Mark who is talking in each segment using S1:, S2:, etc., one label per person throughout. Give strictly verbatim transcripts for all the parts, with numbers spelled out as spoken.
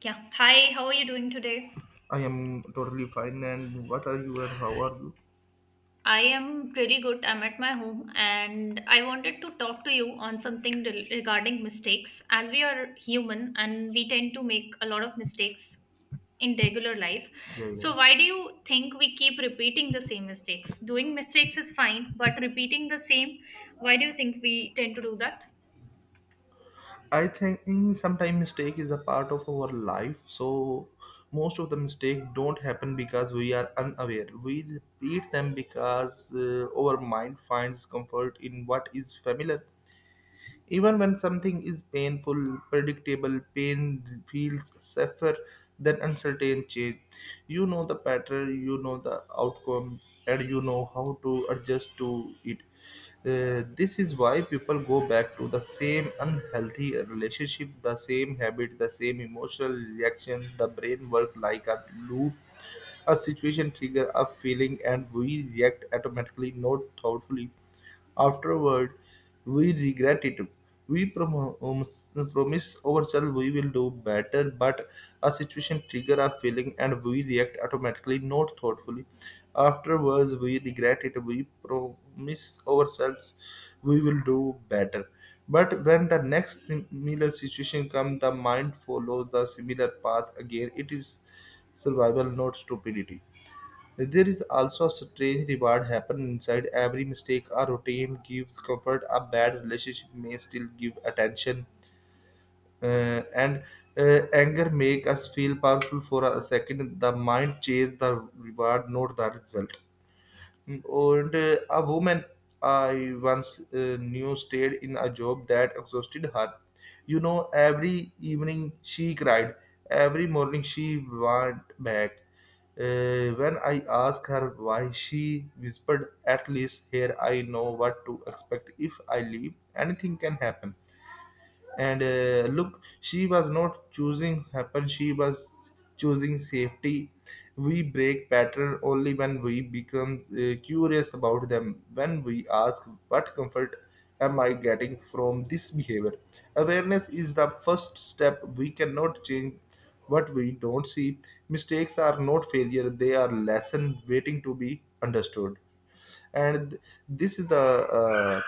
S1: Yeah. Hi, how are you doing today?
S2: I am totally fine. And what are you and how are you?
S1: I am pretty good. I'm at my home and I wanted to talk to you on something rel- regarding mistakes. As we are human and we tend to make a lot of mistakes in regular life.
S2: Yeah, yeah.
S1: So, why do you think we keep repeating the same mistakes? Doing mistakes is fine, but repeating the same, why do you think we tend to do that?
S2: I think sometimes mistake is a part of our life. So most of the mistake don't happen because we are unaware. We repeat them because uh, our mind finds comfort in what is familiar. Even when something is painful, predictable, pain feels safer than uncertain change. You know the pattern, you know the outcomes, and you know how to adjust to it. Uh, this is why people go back to the same unhealthy relationship, the same habit, the same emotional reaction. The brain works like a loop. A situation triggers a feeling and we react automatically, not thoughtfully. Afterward, we regret it. We prom- um, Promise ourselves we will do better, but a situation trigger a feeling and we react automatically, not thoughtfully. Afterwards, we regret it. We promise ourselves we will do better. But when the next similar situation comes, the mind follows the similar path again. It is survival, not stupidity. There is also a strange reward happening inside every mistake. A routine gives comfort, a bad relationship may still give attention, uh, and uh, anger make us feel powerful for a second. The mind chases the reward, not the result. Hmm. And uh, a woman I once uh, knew stayed in a job that exhausted her. You know, every evening she cried, every morning she went back. Uh, when I asked her why, she whispered, at least here I know what to expect. If I leave, anything can happen. And uh, look, she was not choosing happen, she was choosing safety. We break pattern only when we become uh, curious about them, when we ask what comfort am I getting from this behavior. Awareness is the first step. We cannot change what we don't see. Mistakes are not failure, they are lesson waiting to be understood. and th- this is the uh,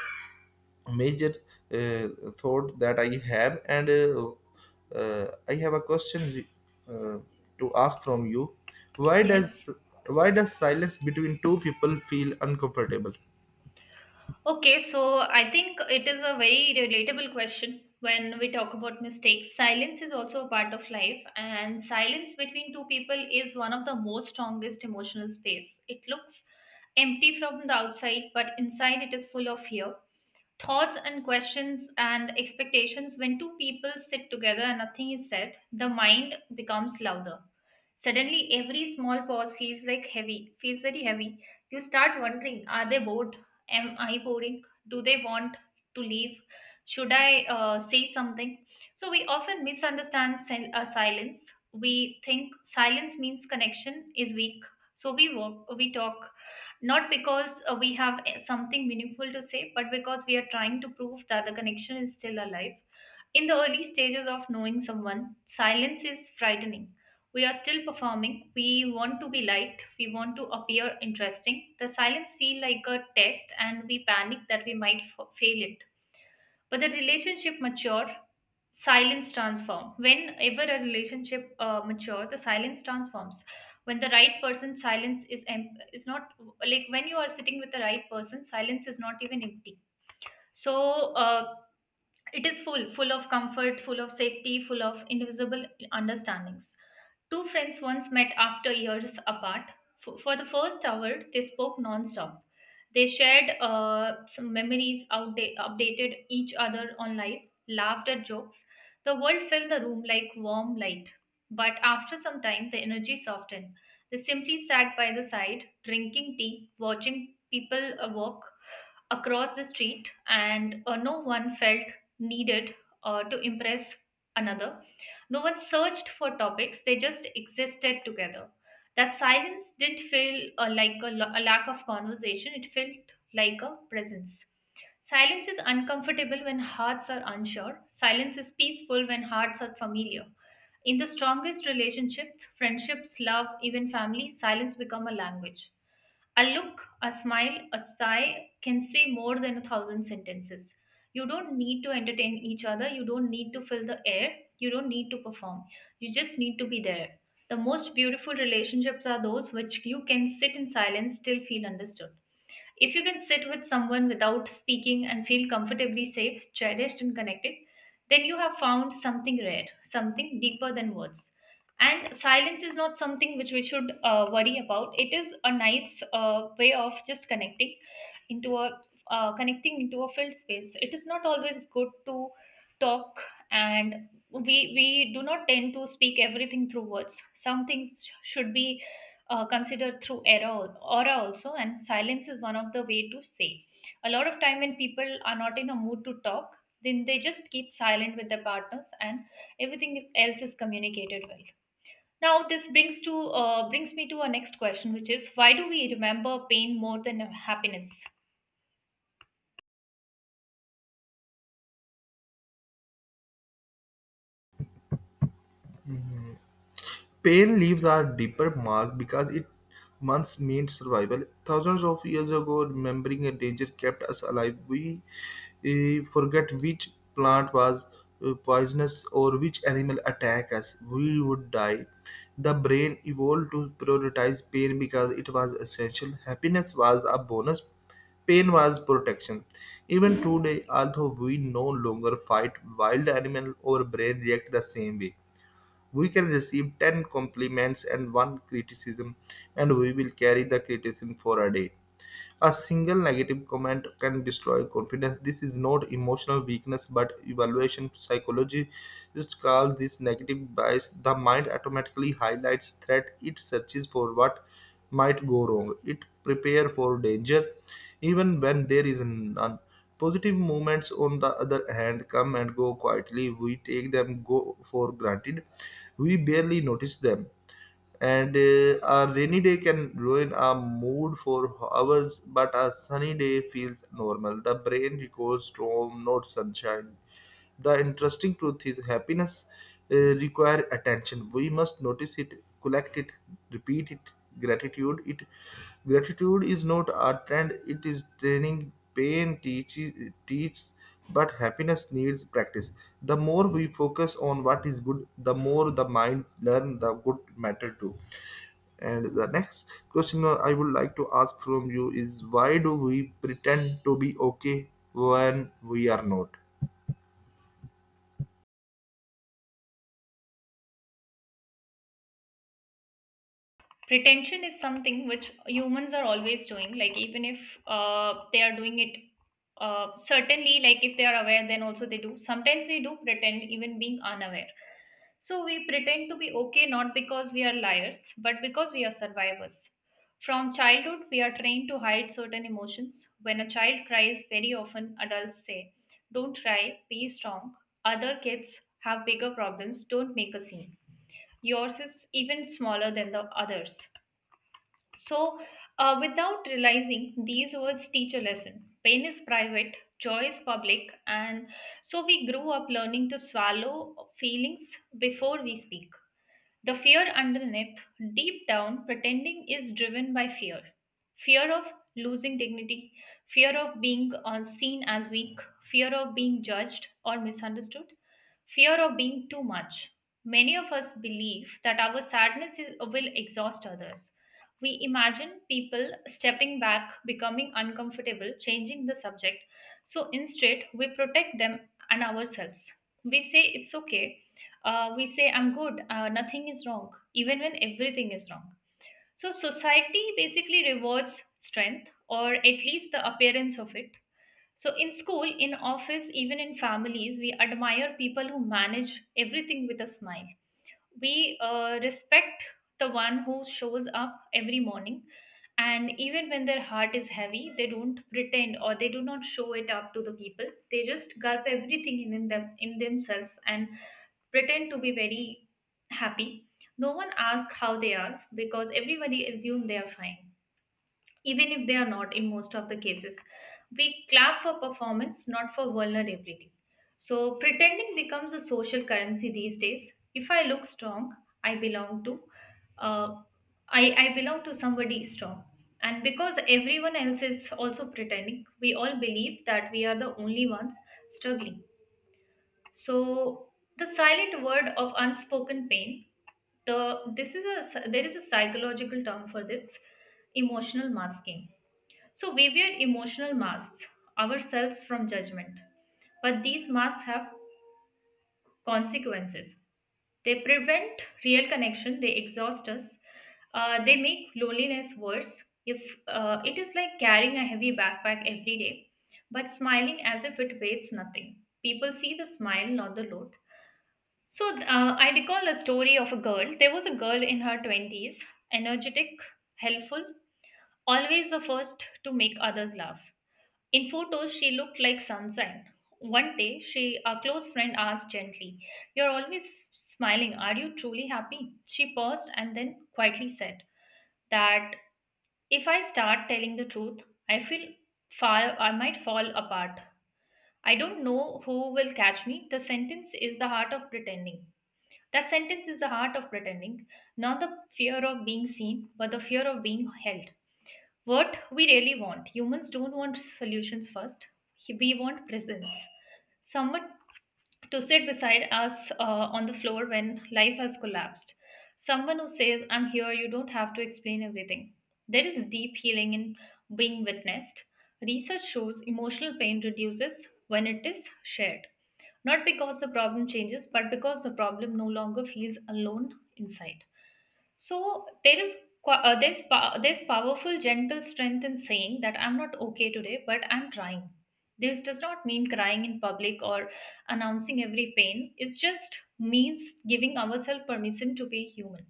S2: major uh, thought that I have, and uh, uh, I have a question uh, to ask from you. Why does
S1: Yes.
S2: why does silence between two people feel uncomfortable?
S1: Okay, so I think it is a very relatable question when we talk about mistakes. Silence is also a part of life, and silence between two people is one of the most strongest emotional space. It looks empty from the outside, but inside it is full of fear, thoughts and questions and expectations. When two people sit together and nothing is said, the mind becomes louder. Suddenly every small pause feels like heavy, feels very heavy. You start wondering, are they bored? Am I boring? Do they want to leave? Should I uh, say something? So we often misunderstand sil- uh, silence. We think silence means connection is weak, so we walk, we talk, not because uh, we have eh, something meaningful to say, but because we are trying to prove that the connection is still alive. In the early stages of knowing someone, silence is frightening. We are still performing. We want to be liked. We want to appear interesting. The silence feels like a test, and we panic that we might f- fail it. But the relationship mature, silence transform whenever a relationship uh, mature, the silence transforms. When the right person silence is em- is not Like when you are sitting with the right person, silence is not even empty. So, uh, it is full, full of comfort, full of safety, full of invisible understandings. Two friends once met after years apart. For, for the first hour, they spoke non-stop. They shared uh, some memories, outda- updated each other on life, laughed at jokes. The world filled the room like warm light. But after some time, the energy softened. They simply sat by the side, drinking tea, watching people uh, walk across the street, and uh, no one felt needed uh, to impress another. No one searched for topics, they just existed together. That silence didn't feel uh, like a, lo- a lack of conversation, it felt like a presence. Silence is uncomfortable when hearts are unsure. Silence is peaceful when hearts are familiar. In the strongest relationships, friendships, love, even family, silence become a language. A look, a smile, a sigh can say more than a thousand sentences. You don't need to entertain each other. You don't need to fill the air. You don't need to perform. You just need to be there. The most beautiful relationships are those which you can sit in silence, still feel understood. If you can sit with someone without speaking and feel comfortably safe, cherished, and connected, then you have found something rare, something deeper than words. And silence is not something which we should uh, worry about. It is a nice uh, way of just connecting into a uh, connecting into a filled space. It is not always good to talk, and we we do not tend to speak everything through words. Some things sh- should be uh, considered through era al- aura also, and silence is one of the way to say. A lot of time when people are not in a mood to talk, then they just keep silent with their partners and everything is- else is communicated well. Now this brings to uh, brings me to our next question, which is, why do we remember pain more than happiness?
S2: Pale leaves are deeper marked because it once meant survival. Thousands of years ago, remembering a danger kept us alive. We eh, forget which plant was eh, poisonous or which animal attacked us. We would die. The brain evolved to prioritize pain because it was essential. Happiness was a bonus. Pain was protection. Even today, although we no longer fight wild animals, our brain react the same way. We can receive ten compliments and one criticism, and we will carry the criticism for a day. A single negative comment can destroy confidence. This is not emotional weakness but evaluation. Psychologists call this negative bias. The mind automatically highlights threat. It searches for what might go wrong. It prepares for danger even when there is none. Positive movements, on the other hand, come and go quietly. We take them go for granted. We barely notice them, and uh, a rainy day can ruin our mood for hours, but a sunny day feels normal. The brain recalls storm, not sunshine. The interesting truth is happiness uh, require attention. We must notice it, collect it, repeat it, gratitude it. Gratitude is not a trend, it is training. Pain teaches teaches, but happiness needs practice. The more we focus on what is good, the more the mind learn the good matter too. And the next question I would like to ask from you is, why do we pretend to be okay when we are not?
S1: Retention is something which humans are always doing, like even if uh, they are doing it uh, certainly, like if they are aware then also they do. Sometimes we do pretend even being unaware. So we pretend to be okay, not because we are liars but because we are survivors. From childhood we are trained to hide certain emotions. When a child cries, very often adults say, don't cry, be strong, other kids have bigger problems, don't make a scene, yours is even smaller than the others. So, uh, without realizing, these words teach a lesson. Pain is private, joy is public, and so we grew up learning to swallow feelings before we speak. The fear underneath, deep down, pretending is driven by fear. Fear of losing dignity, fear of being uh, seen as weak, fear of being judged or misunderstood, fear of being too much. Many of us believe that our sadness is, will exhaust others. We imagine people stepping back, becoming uncomfortable, changing the subject. So instead, we protect them and ourselves. We say it's okay, uh, we say I'm good, uh, nothing is wrong, even when everything is wrong. So society basically rewards strength, or at least the appearance of it. So in school, in office, even in families, we admire people who manage everything with a smile. We uh, respect the one who shows up every morning, and even when their heart is heavy they don't pretend, or they do not show it up to the people. They just gulp everything in them, in themselves, and pretend to be very happy. No one asks how they are because everybody assumes they are fine, even if they are not in most of the cases. We clap for performance, not for vulnerability. So pretending becomes a social currency these days. If I look strong, I belong to, uh, I, I belong to somebody strong. And because everyone else is also pretending, we all believe that we are the only ones struggling. So the silent word of unspoken pain, the this is a there is a psychological term for this, emotional masking. So we wear emotional masks ourselves from judgment. But these masks have consequences. They prevent real connection, they exhaust us, uh, they make loneliness worse. If uh, It is like carrying a heavy backpack every day, but smiling as if it weighs nothing. People see the smile, not the load. So uh, I recall a story of a girl. There was a girl in her twenties, energetic, helpful, always the first to make others laugh. In photos, she looked like sunshine. One day, she, a close friend asked gently, you're always smiling. Are you truly happy? She paused and then quietly said that, if I start telling the truth, I feel far, I might fall apart. I don't know who will catch me. The sentence is the heart of pretending. That sentence is the heart of pretending, not the fear of being seen, but the fear of being held. What we really want, humans don't want solutions first, we want presence. Someone to sit beside us uh, on the floor when life has collapsed. Someone who says, I'm here, you don't have to explain everything. There is deep healing in being witnessed. Research shows emotional pain reduces when it is shared. Not because the problem changes, but because the problem no longer feels alone inside. So there is qua- uh, there's pa- there's powerful gentle strength in saying that I'm not okay today, but I'm trying. This does not mean crying in public or announcing every pain. It just means giving ourselves permission to be human.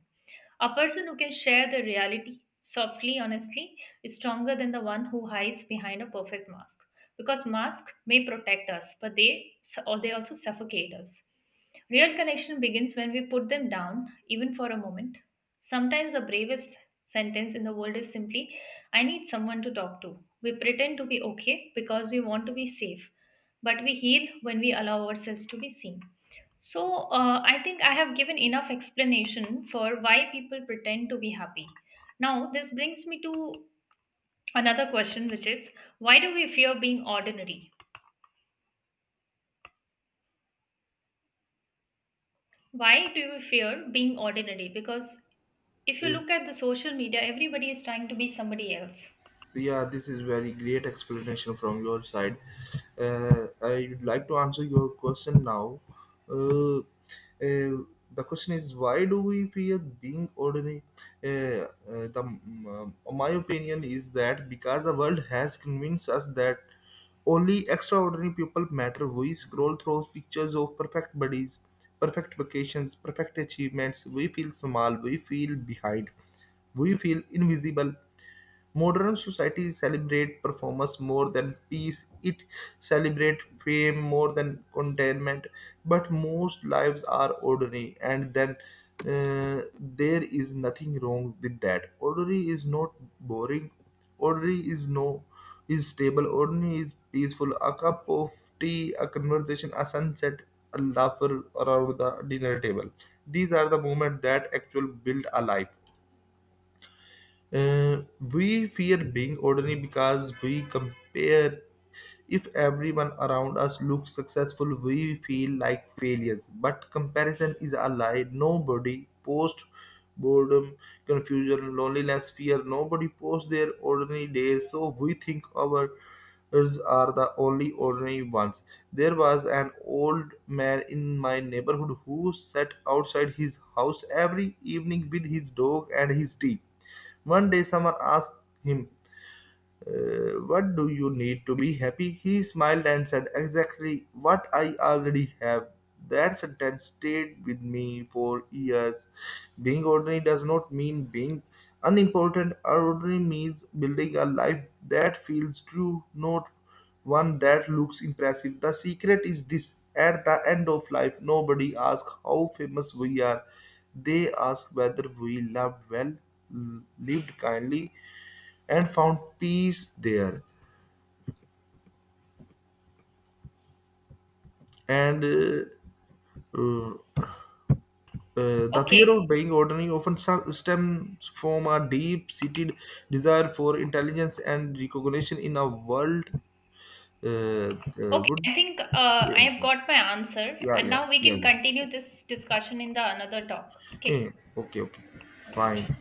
S1: A person who can share the reality softly, honestly, is stronger than the one who hides behind a perfect mask. Because masks may protect us, but they, or they also suffocate us. Real connection begins when we put them down, even for a moment. Sometimes the bravest sentence in the world is simply, I need someone to talk to. We pretend to be okay because we want to be safe, but we heal when we allow ourselves to be seen. So, uh, I think I have given enough explanation for why people pretend to be happy. Now, this brings me to another question, which is, why do we fear being ordinary? Why do we fear being ordinary? Because if you
S2: Eh,
S1: look at the social media, everybody is trying to be somebody else.
S2: yeah, this is very great explanation from your side. Uh, I would like to answer your question now. Uh, uh, the question is, why do we fear being ordinary? Uh, uh, the, um, my opinion is that because the world has convinced us that only extraordinary people matter. We scroll through pictures of perfect bodies, perfect vacations, perfect achievements. We feel small. We feel behind. We feel invisible. Modern society celebrate performance more than peace. It celebrate fame more than contentment. But most lives are ordinary, and then uh, there is nothing wrong with that. Ordinary is not boring. Ordinary is no is stable. Ordinary is peaceful. A cup of tea, a conversation, a sunset, a laugh around the dinner table. These are the moments that actually build a life. Uh, we fear being ordinary because we compare. If everyone around us looks successful, we feel like failures. But comparison is a lie. Nobody posts boredom, confusion, loneliness, fear. Nobody posts their ordinary days. So we think our ours are the only ordinary ones. There was an old man in my neighborhood who sat outside his house every evening with his dog and his tea. One day someone asked him, "Uh, what do you need to be happy?" He smiled and said, "Exactly what I already have." That sentence stayed with me for years. Being ordinary does not mean being unimportant. Ordinary means building a life that feels true, not one that looks impressive. The secret is this: at the end of life, nobody asks how famous we are. They ask whether we loved well, l- lived kindly, and found peace there. And uh, uh, uh, the fear
S1: Okay,
S2: of being ordinary often sa- stems from a deep seated desire for intelligence and recognition in a world. Uh, uh,
S1: okay,
S2: would
S1: I think uh, I
S2: yeah,
S1: have got my answer,
S2: yeah,
S1: and
S2: yeah,
S1: now we
S2: yeah,
S1: can
S2: yeah.
S1: continue this discussion in the another talk. Okay,
S2: Eh, okay, okay,
S1: all right.
S2: fine.